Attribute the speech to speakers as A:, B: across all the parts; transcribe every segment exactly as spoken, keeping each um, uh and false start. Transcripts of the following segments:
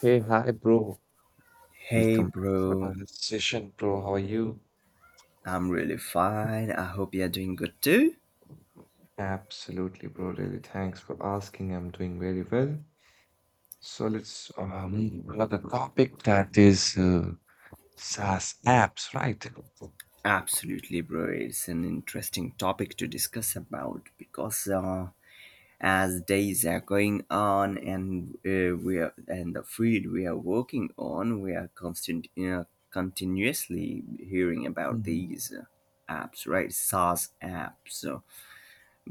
A: Hey, hi, bro.
B: Hey,
A: Welcome back for
B: bro.
A: another session, bro. How are you?
B: I'm really fine. I hope you're doing good too.
A: Absolutely, bro. Really, thanks for asking. I'm doing very well. So let's um another topic that is uh, SaaS apps, right?
B: Absolutely, bro. It's an interesting topic to discuss about because uh, as days are going on and uh, we are and the field we are working on, we are constant, uh, continuously hearing about
A: Mhm.
B: these uh, apps, right? SaaS apps. so.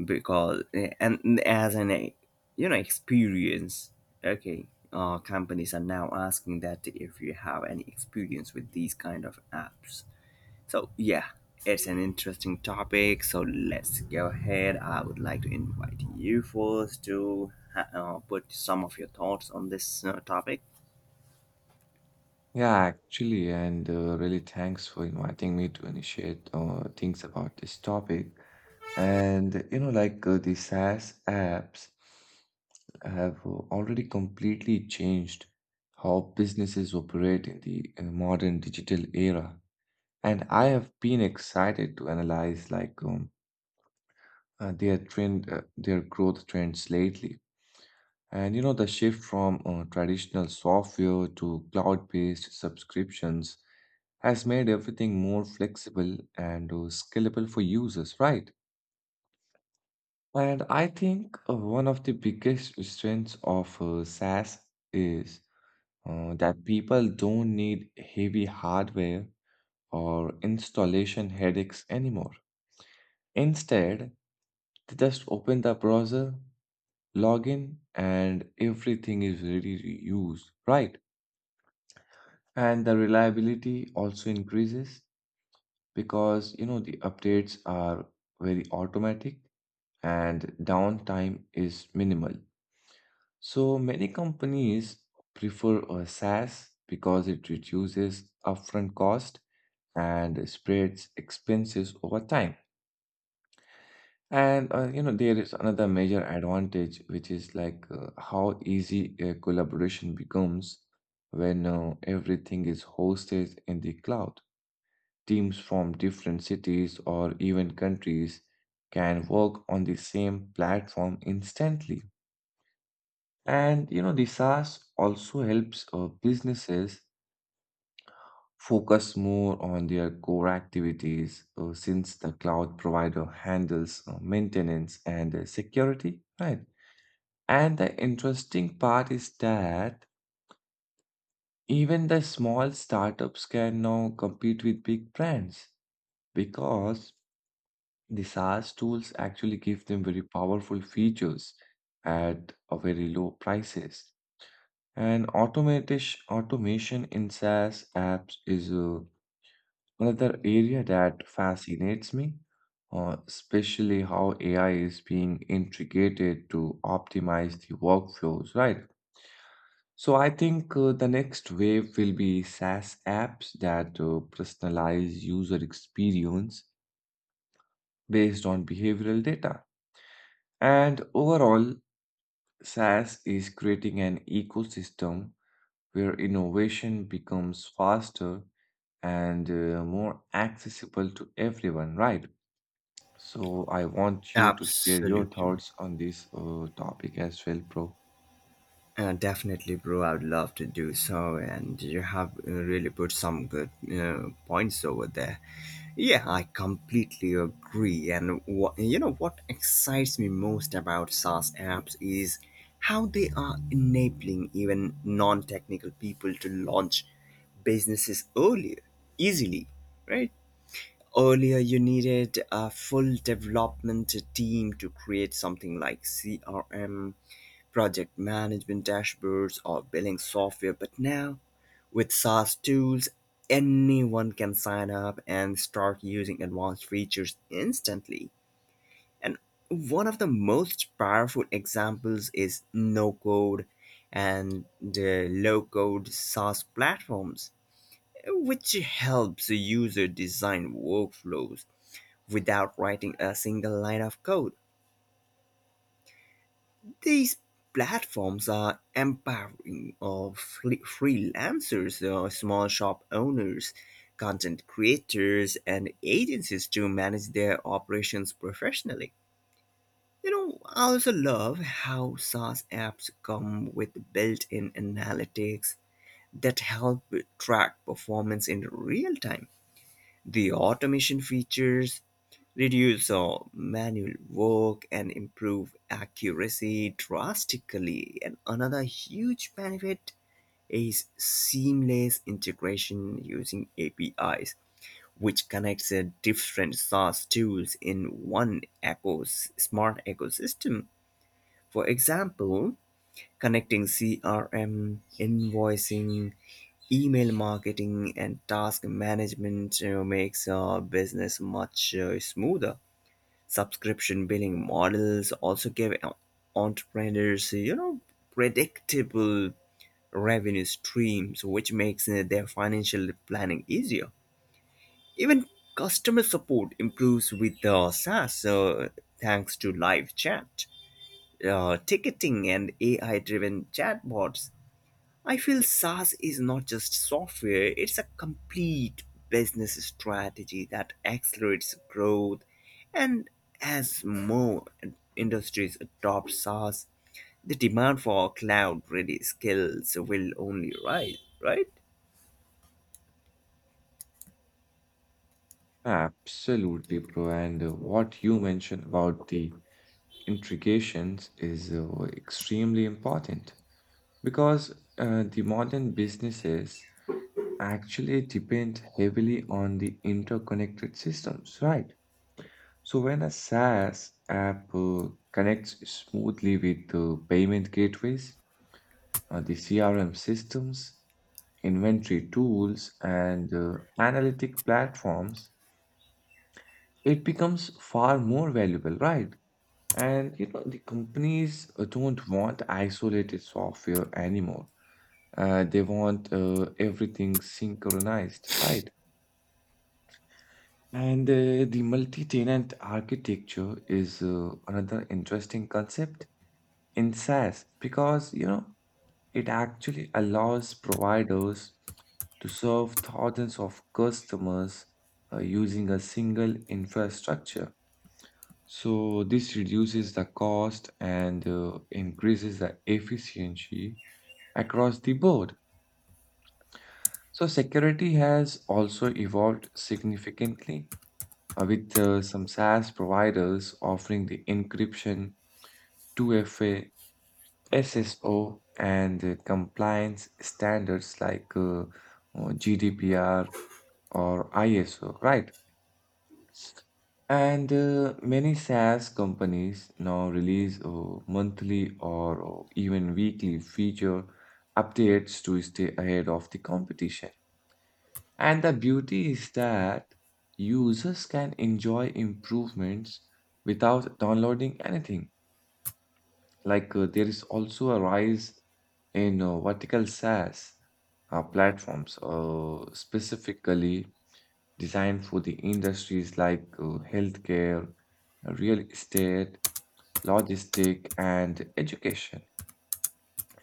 B: because eh, And as an eh, you know, experience. Okay, uh, companies are now asking that if you have any experience with these kind of apps, so yeah, it's an interesting topic, so let's go ahead. I would like to invite you first to ha- uh, put some of your thoughts on this uh, topic.
A: Yeah, actually, and uh, really thanks for inviting me to initiate uh, things about this topic. And you know, like uh, the SaaS apps have uh, already completely changed how businesses operate in the uh, modern digital era. And I have been excited to analyze like um, uh, their trend, uh, their growth trends lately. And you know, the shift from uh, traditional software to cloud-based subscriptions has made everything more flexible and uh, scalable for users, right? And I think uh, one of the biggest strengths of uh, SaaS is uh, that people don't need heavy hardware or installation headaches anymore. Instead, they just open the browser, log in, and everything is ready to use, right? And the reliability also increases because you know the updates are very automatic and downtime is minimal. So many companies prefer a SaaS because it reduces upfront cost and spreads expenses over time. And uh, you know there is another major advantage, which is like uh, how easy uh, collaboration becomes when uh, everything is hosted in the cloud. Teams from different cities or even countries can work on the same platform instantly. And you know the SaaS also helps uh, businesses focus more on their core activities uh, since the cloud provider handles uh, maintenance and uh, security, right? And the interesting part is that even the small startups can now compete with big brands because the SaaS tools actually give them very powerful features at a very low prices. And automation automation in SaaS apps is uh, another area that fascinates me, uh, especially how A I is being integrated to optimize the workflows, right? So I think uh, the next wave will be SaaS apps that uh, personalize user experience based on behavioral data. And overall, SaaS is creating an ecosystem where innovation becomes faster and uh, more accessible to everyone, right? So I want you to share your
B: Absolutely.
A: thoughts on this uh, topic as well, bro.
B: Uh, definitely, bro. I'd love to do so, and you have uh, really put some good uh, points over there. Yeah, I completely agree. And what you know, what excites me most about SaaS apps is how they are enabling even non-technical people to launch businesses earlier, easily, right? Earlier, you needed a full development team to create something like C R M, project management dashboards, or billing software. But now, with SaaS tools, anyone can sign up and start using advanced features instantly. And one of the most powerful examples is no code and the low code SaaS platforms, which helps the user design workflows without writing a single line of code. These platforms are empowering of free- freelancers, uh, small shop owners, content creators, and agencies to manage their operations professionally. You know, I also love how SaaS apps come with built in analytics that help track performance in real time. The automation features reduce uh, manual work and improve accuracy drastically. And another huge benefit is seamless integration using A P Is, which connects uh, different SaaS tools in one ecos- smart ecosystem. For example, connecting C R M, invoicing, email marketing, and task management uh, makes uh, business much uh, smoother. Subscription billing models also give entrepreneurs, you know, predictable revenue streams, which makes uh, their financial planning easier. Even customer support improves with uh, SaaS, uh, thanks to live chat, uh, ticketing, and A I driven chatbots. I feel SaaS is not just software, it's a complete business strategy that accelerates growth. And as more industries adopt SaaS, the demand for cloud ready skills will only rise, right?
A: Absolutely, bro. And uh, what you mentioned about the intrications is uh, extremely important because uh, the modern businesses actually depend heavily on the interconnected systems, right? So when a SaaS app uh, connects smoothly with the payment gateways, uh, the C R M systems, inventory tools, and uh, analytic platforms, it becomes far more valuable, right? And you know, the companies uh, don't want isolated software anymore. Uh, they want uh, everything synchronized, right? And uh, the multi-tenant architecture is uh, another interesting concept in SaaS because you know it actually allows providers to serve thousands of customers uh, using a single infrastructure. So this reduces the cost and uh, increases the efficiency across the board. So security has also evolved significantly uh, with uh, some SaaS providers offering the encryption, two F A, S S O and uh, compliance standards like uh, uh, G D P R or ISO, right? And uh, many SaaS companies now release uh, monthly or uh, even weekly feature updates to stay ahead of the competition. And the beauty is that users can enjoy improvements without downloading anything. Like uh, there is also a rise in uh, vertical SaaS uh, platforms, uh, specifically designed for the industries like uh, healthcare, real estate, logistic, and education.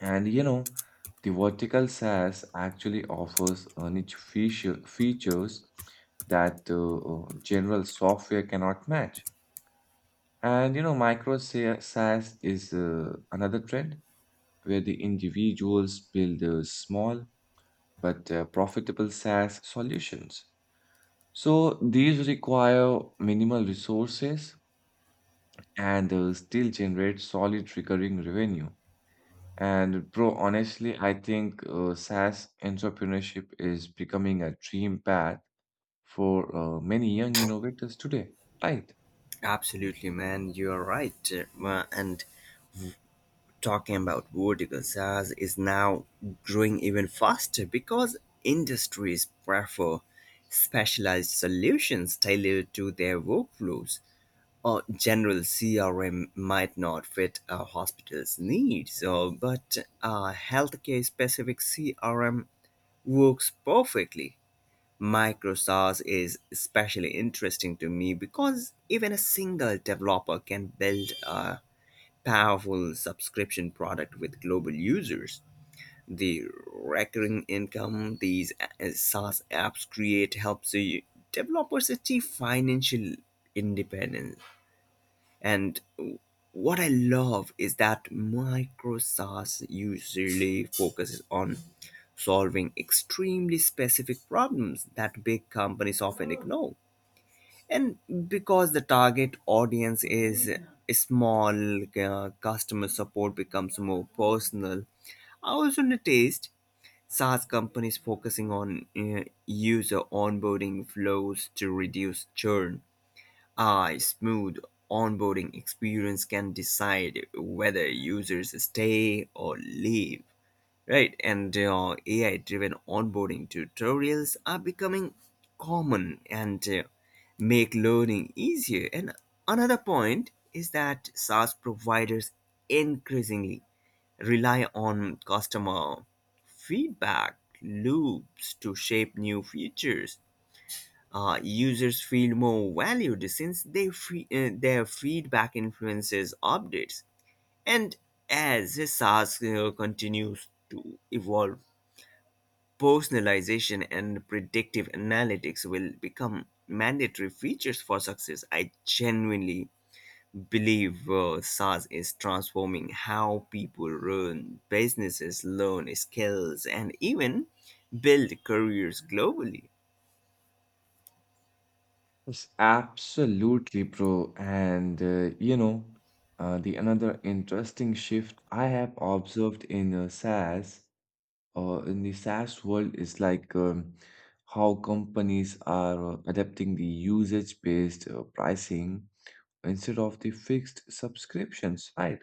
A: And you know, the vertical SaaS actually offers uh, niche feature, features that uh, uh, general software cannot match. And you know, micro sa- SaaS is uh, another trend where the individuals build uh, small but uh, profitable SaaS solutions. So these require minimal resources and uh, still generate solid recurring revenue. And bro, honestly, I think uh, SaaS entrepreneurship is becoming a dream path for uh, many young innovators today, right?
B: Absolutely, man, you're right. Uh, and talking about vertical SaaS is now growing even faster because industries prefer specialized solutions tailored to their workflows. A general C R M might not fit a hospital's needs, so, but a healthcare specific C R M works perfectly. MicroSaaS is especially interesting to me because even a single developer can build a powerful subscription product with global users. The recurring income these uh, SaaS apps create helps the developers achieve financial independence. And what I love is that micro SaaS usually focuses on solving extremely specific problems that big companies often ignore, and because the target audience is small, uh, customer support becomes more personal. I also noticed SaaS companies focusing on uh, user onboarding flows to reduce churn. A smooth onboarding experience can decide whether users stay or leave. Right, and uh, A I driven onboarding tutorials are becoming common and uh, make learning easier. And another point is that SaaS providers increasingly rely on customer feedback loops to shape new features. Uh, users feel more valued since they fe- uh, their feedback influences updates. And as SaaS uh, continues to evolve, personalization and predictive analytics will become mandatory features for success. I genuinely believe uh, SaaS is transforming how people run businesses, learn skills, and even build careers globally.
A: Yes, absolutely, bro. And uh, you know, uh, the another interesting shift I have observed in uh, SaaS or in the SaaS world is like um, how companies are uh, adapting the usage-based uh, pricing instead of the fixed subscriptions, right?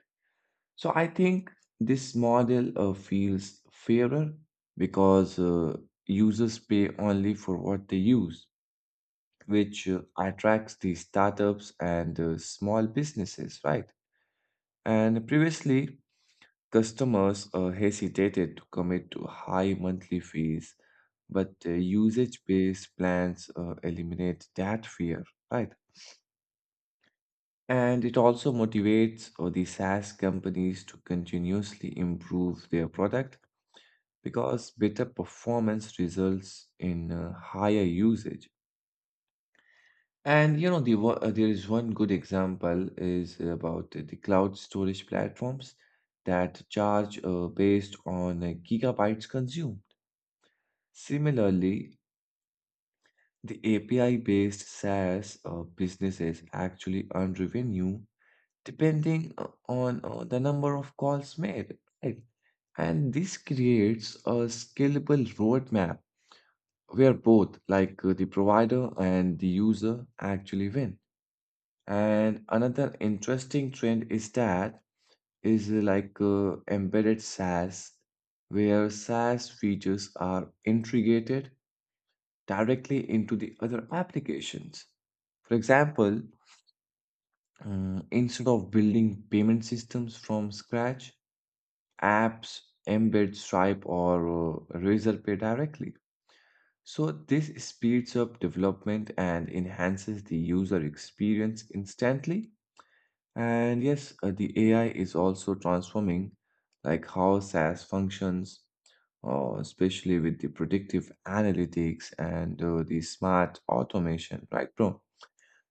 A: So I think this model uh, feels fairer because uh, users pay only for what they use which uh, attracts the startups and uh, small businesses, right? And previously, customers uh, hesitated to commit to high monthly fees, but uh, usage-based plans uh, eliminate that fear, right? And it also motivates uh, the SaaS companies to continuously improve their product because better performance results in uh, higher usage. And you know, the, wo- uh, there is one good example is about the cloud storage platforms that charge uh, based on uh, gigabytes consumed. Similarly, the A P I-based SaaS uh, businesses actually earn revenue depending uh, on uh, the number of calls made, right? And this creates a scalable roadmap where both, like uh, the provider and the user, actually win. And another interesting trend is that is like uh, embedded SaaS, where SaaS features are integrated directly into the other applications. For example, um, instead of building payment systems from scratch, apps embed Stripe or uh, Razorpay directly. So this speeds up development and enhances the user experience instantly. And yes, uh, the A I is also transforming, like how SaaS functions, uh, especially with the predictive analytics and uh, the smart automation, right, bro?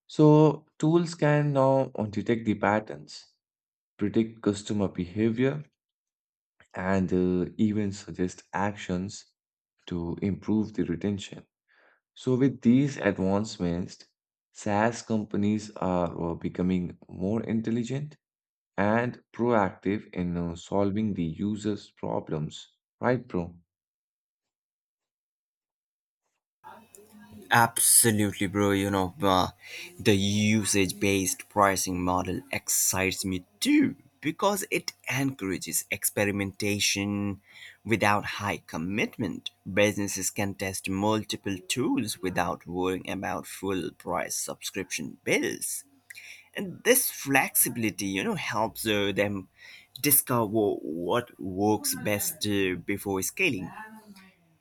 A: So tools can now uh, detect the patterns, predict customer behavior, and uh, even suggest actions to improve the retention. So with these advancements, SaaS companies are uh, becoming more intelligent and proactive in uh, solving the user's problems. Right, bro?
B: Absolutely, bro. You know, uh, the usage based pricing model excites me too because it encourages experimentation without high commitment. Businesses can test multiple tools without worrying about full price subscription bills. And this flexibility, you know, helps uh, them discover what works best uh, before scaling.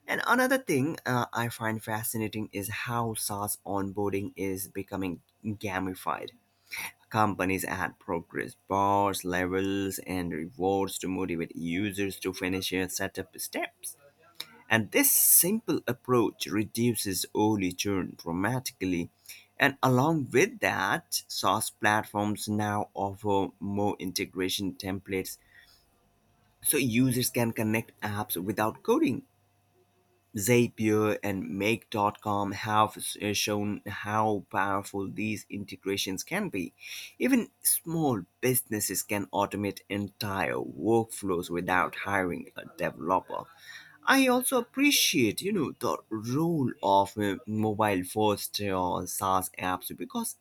B: And another thing uh, I find fascinating is how SaaS onboarding is becoming gamified. Companies add progress bars, levels, and rewards to motivate users to finish their setup steps. And this simple approach reduces early churn dramatically. And along with that, SaaS platforms now offer more integration templates so users can connect apps without coding. Zapier and make dot com have s- uh, shown how powerful these integrations can be. Even small businesses can automate entire workflows without hiring a developer. I also appreciate, you know, the role of uh, mobile-first uh, SaaS apps because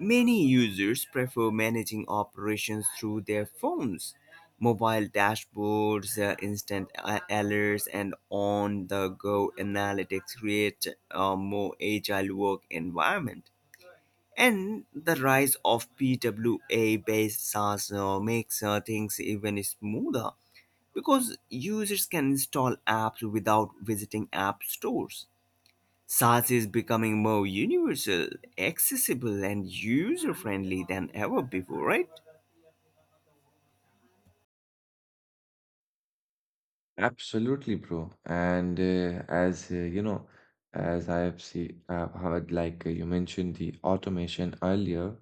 B: many users prefer managing operations through their phones. Mobile dashboards, uh, instant a- alerts, and on the go analytics create a more agile work environment. And the rise of P W A based SaaS uh, makes uh, things even smoother because users can install apps without visiting app stores. SaaS is becoming more universal, accessible, and user friendly than ever before, right?
A: Absolutely, bro. And uh, as uh, you know, as I have see, I've heard like uh, you mentioned the automation earlier,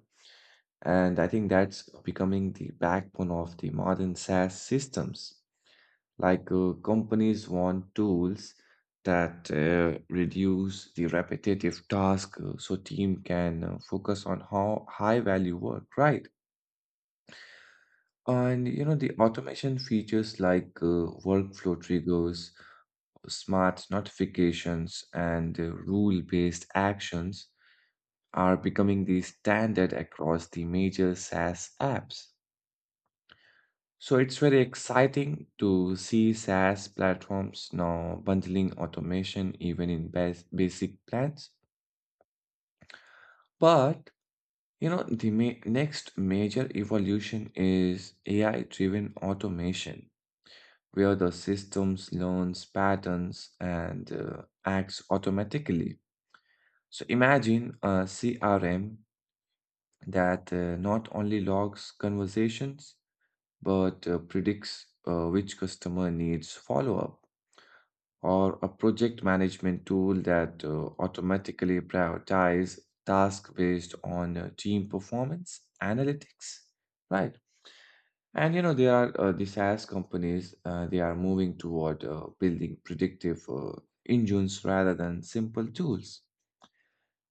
A: and I think that's becoming the backbone of the modern SaaS systems. Like uh, companies want tools that uh, reduce the repetitive task uh, so team can uh, focus on how high value work, right? And you know, the automation features like uh, workflow triggers, smart notifications, and uh, rule-based actions are becoming the standard across the major SaaS apps. So it's very exciting to see SaaS platforms now bundling automation even in bas basic plans. But you know, the ma next major evolution is A I-driven automation where the systems learns patterns and uh, acts automatically. So imagine a C R M that uh, not only logs conversations but uh, predicts uh, which customer needs follow-up, or a project management tool that uh, automatically prioritize tasks based on uh, team performance analytics, right? And you know, there are uh, the SaaS companies, uh, they are moving toward uh, building predictive uh, engines rather than simple tools.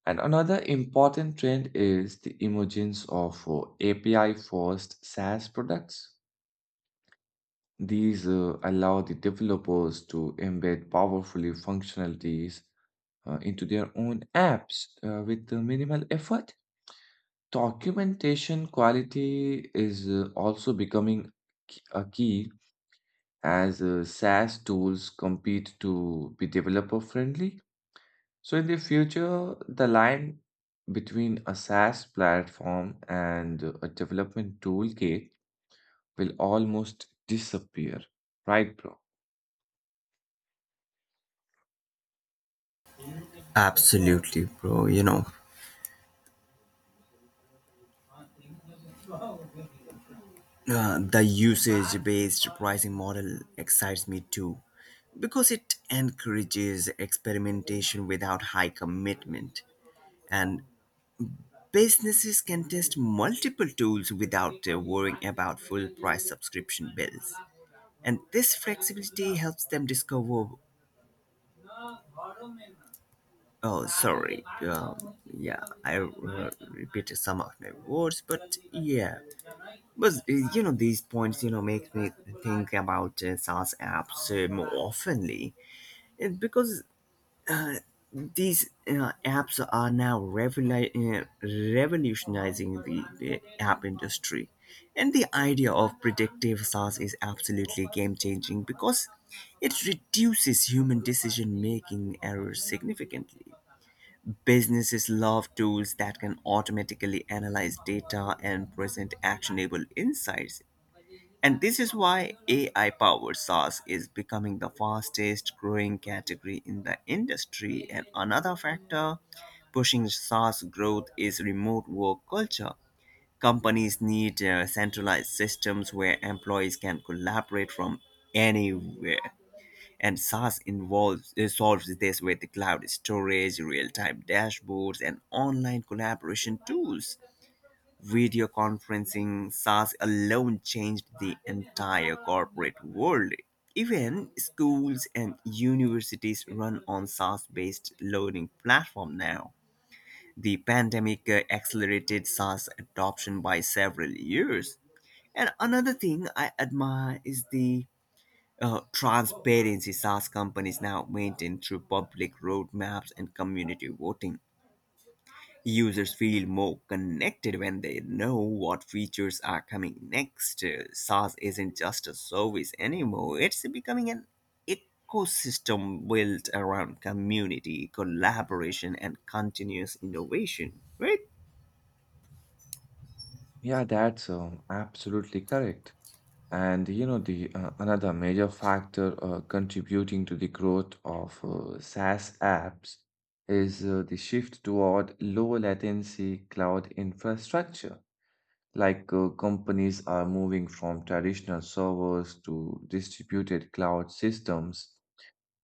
A: And another important trend is the emergence of uh, A P I-first SaaS products. These uh, allow the developers to embed powerfully functionalities uh, into their own apps uh, with uh, minimal effort. Documentation quality is uh, also becoming k- a key as uh, SaaS tools compete to be developer friendly. So, in the future, the line between a SaaS platform and a development toolkit will almost disappear. Right, bro?
B: Absolutely, bro. You know, uh, the usage based pricing model excites me too because it encourages experimentation without high commitment. And businesses can test multiple tools without uh, worrying about full price subscription bills. And this flexibility helps them discover. Oh, sorry. Um, yeah, I uh, repeated some of my words, but yeah. But uh, you know, these points, you know, make me think about uh, SaaS apps uh, more oftenly, and because these uh, apps are now revoli- uh, revolutionizing the, the app industry, and the idea of predictive SaaS is absolutely game changing because it reduces human decision making errors significantly. Businesses love tools that can automatically analyze data and present actionable insights. And this is why A I powered SaaS is becoming the fastest growing category in the industry. And another factor pushing SaaS growth is remote work culture. Companies need uh, centralized systems where employees can collaborate from anywhere. And SaaS involves uh, solves this with cloud storage, real-time dashboards, and online collaboration tools. Video conferencing SaaS alone changed the entire corporate world. Even schools and universities run on SaaS-based learning platform now. The pandemic uh, accelerated SaaS adoption by several years. And another thing I admire is the uh, transparency SaaS companies now maintain through public roadmaps and community voting. Users feel more connected when they know what features are coming next. Uh, SaaS isn't just a service anymore, it's becoming an ecosystem built around community, collaboration, and continuous innovation, right?
A: Yeah, that's um, absolutely correct. And you know, the uh, another major factor uh, contributing to the growth of uh, SaaS apps is uh, the shift toward low latency cloud infrastructure. Like uh, companies are moving from traditional servers to distributed cloud systems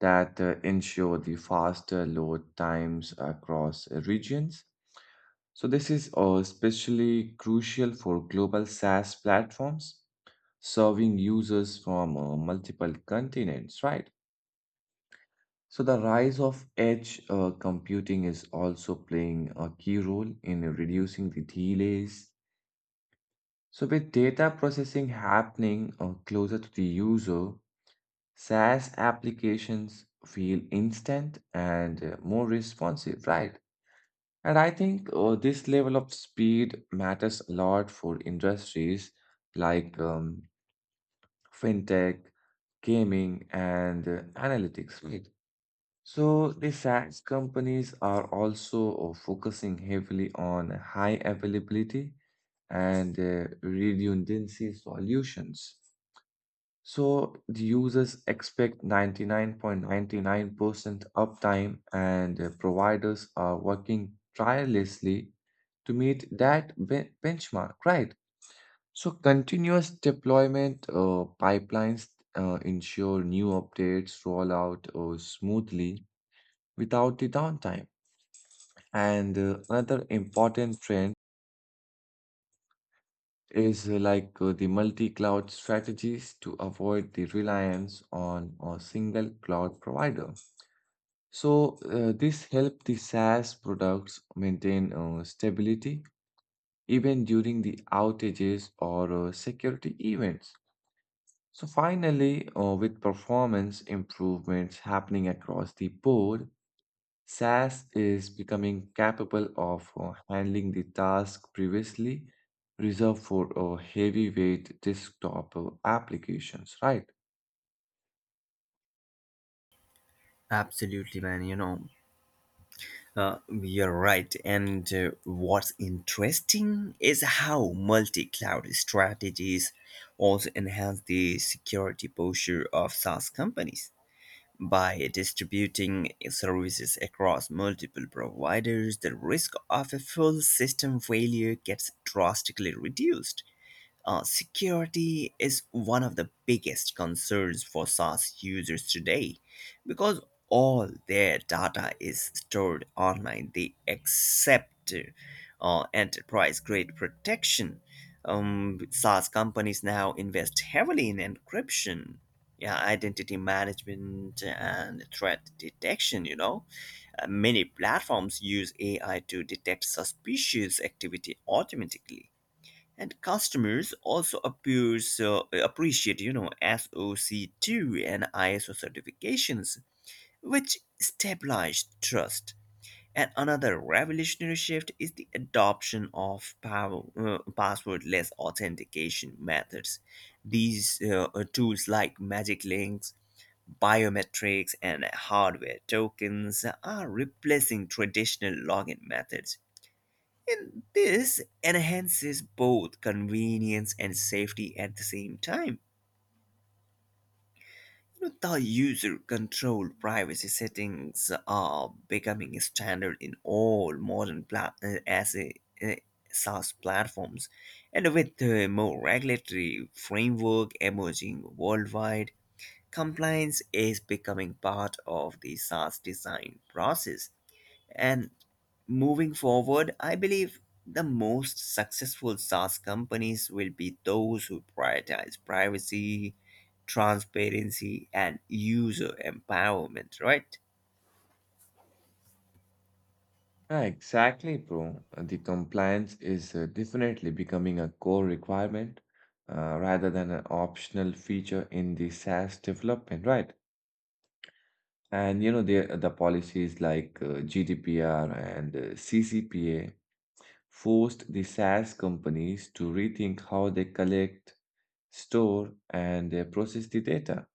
A: that uh, ensure the faster load times across uh, regions. So this is uh, especially crucial for global SaaS platforms serving users from uh, multiple continents, right? So the rise of edge uh, computing is also playing a key role in reducing the delays. So with data processing happening uh, closer to the user, SaaS applications feel instant and uh, more responsive, right? And I think uh, this level of speed matters a lot for industries like um, fintech, gaming, and uh, analytics, right? So the SaaS companies are also uh, focusing heavily on high availability and uh, redundancy solutions. So the users expect ninety-nine point nine nine percent uptime, and uh, providers are working tirelessly to meet that be- benchmark, right? So continuous deployment uh, pipelines uh, ensure new updates roll out uh, smoothly without the downtime. And uh, another important trend is uh, like uh, the multi-cloud strategies to avoid the reliance on a single cloud provider. So uh, this helped the SaaS products maintain uh, stability even during the outages or uh, security events. So finally, uh, with performance improvements happening across the board, SaaS is becoming capable of uh, handling the task previously reserved for uh, heavyweight desktop uh, applications, right?
B: Absolutely, man. You know, Uh, you're right. And uh, what's interesting is how multi cloud strategies also enhance the security posture of SaaS companies. By distributing services across multiple providers, the risk of a full system failure gets drastically reduced. Uh, security is one of the biggest concerns for SaaS users today because all their data is stored online. They accept uh, enterprise grade protection. Um, SaaS companies now invest heavily in encryption. Yeah, identity management and threat detection, you know. Uh, many platforms use A I to detect suspicious activity automatically. And customers also appears, uh, appreciate, you know, S O C two and I S O certifications, which stabilize trust. And another revolutionary shift is the adoption of power, uh, passwordless authentication methods. These uh, uh, tools like Magic Links, biometrics, and hardware tokens are replacing traditional login methods, and this enhances both convenience and safety at the same time. You know, the user controlled privacy settings are becoming standard in all modern pla- uh, as a, uh, SaaS platforms, and with a more regulatory framework emerging worldwide, compliance is becoming part of the SaaS design process. And moving forward, I believe the most successful SaaS companies will be those who prioritize privacy, transparency, and user empowerment, right?
A: Yeah, exactly, bro. Uh, The compliance is uh, definitely becoming a core requirement uh, rather than an optional feature in the SaaS development, right? And you know, the uh, the policies like uh, G D P R and uh, C C P A forced the SaaS companies to rethink how they collect, store, and uh, process the data.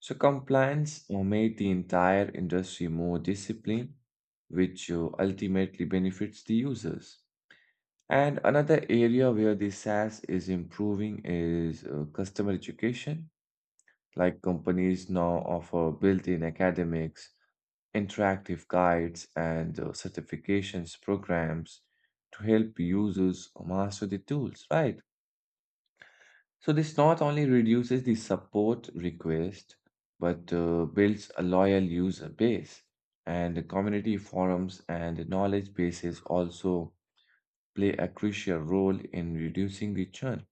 A: So compliance uh, made the entire industry more disciplined, which uh, ultimately benefits the users. And another area where the SaaS is improving is uh, customer education. Like companies now offer built-in academics, interactive guides, and uh, certifications programs to help users master the tools, right? So this not only reduces the support request, but uh, builds a loyal user base. And the community forums and knowledge bases also play a crucial role in reducing the churn.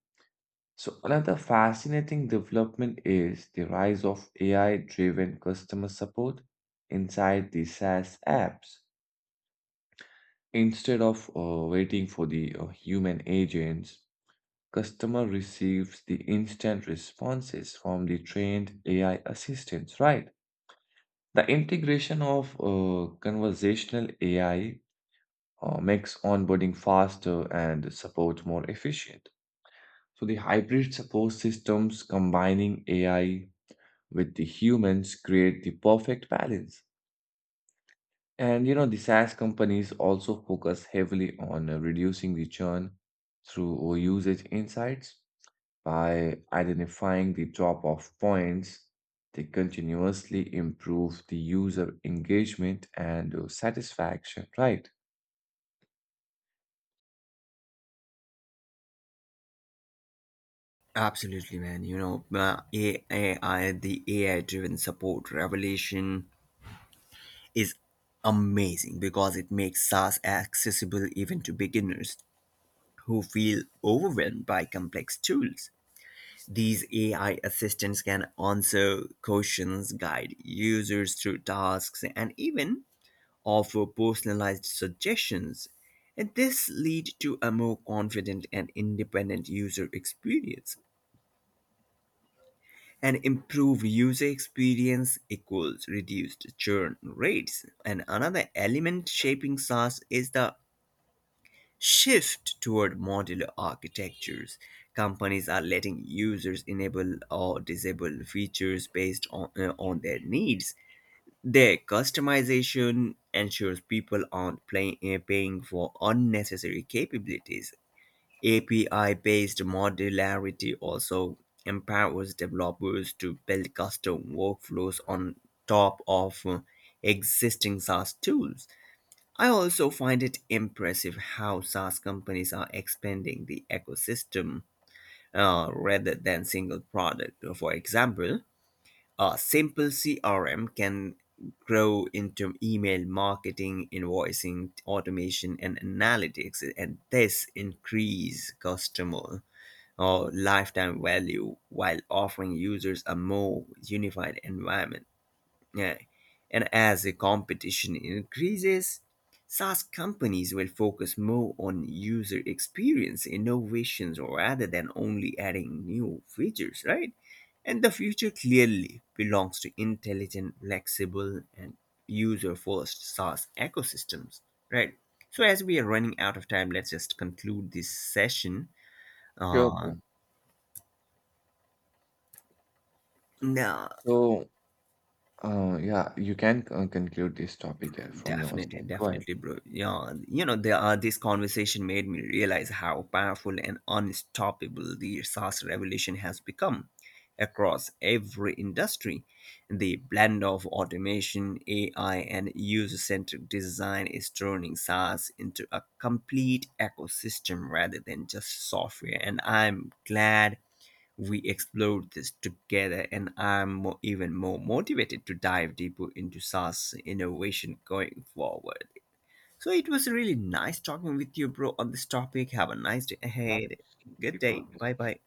A: So another fascinating development is the rise of A I-driven customer support inside the SaaS apps. Instead of uh, waiting for the uh, human agents, customer receives the instant responses from the trained A I assistants, right? The integration of uh, conversational A I uh, makes onboarding faster and support more efficient. So the hybrid support systems combining A I with the humans create the perfect balance. And you know, the SaaS companies also focus heavily on uh, reducing the churn through usage insights by identifying the drop off points. They continuously improve the user engagement and uh, satisfaction, right?
B: Absolutely, man. You know, uh, A- AI, the A I driven support revelation is amazing because it makes SaaS accessible even to beginners who feel overwhelmed by complex tools. These A I assistants can answer questions, guide users through tasks, and even offer personalized suggestions. And this leads to a more confident and independent user experience. An improved user experience equals reduced churn rates. And another element shaping SaaS is the shift toward modular architectures. Companies are letting users enable or disable features based on, uh, on their needs. Their customization ensures people aren't play, uh, paying for unnecessary capabilities. A P I based modularity also empowers developers to build custom workflows on top of uh, existing SaaS tools. I also find it impressive how SaaS companies are expanding the ecosystem uh, rather than single product. For example, a simple C R M can grow into email marketing, invoicing, automation, and analytics, and this increase customer or lifetime value while offering users a more unified environment. Yeah. And as the competition increases, SaaS companies will focus more on user experience innovations rather than only adding new features, right? And the future clearly belongs to intelligent, flexible, and user first SaaS ecosystems, right? So, as we are running out of time, let's just conclude this session.
A: Sure,
B: Uh,
A: bro.
B: no,
A: So, uh, yeah, you can uh, conclude this topic uh, from your
B: Definitely,
A: side. Go ahead.
B: definitely, bro. Yeah, you know, there are, this conversation made me realize how powerful and unstoppable the SaaS revolution has become across every industry. The blend of automation, A I, and user centric design is turning SaaS into a complete ecosystem rather than just software. And I'm glad we explored this together, and i'm more, even more motivated to dive deeper into SaaS innovation going forward. So it was really nice talking with you, bro, on this topic. Have a nice day ahead.
A: Absolutely,
B: Good
A: bro.
B: day. Bye bye.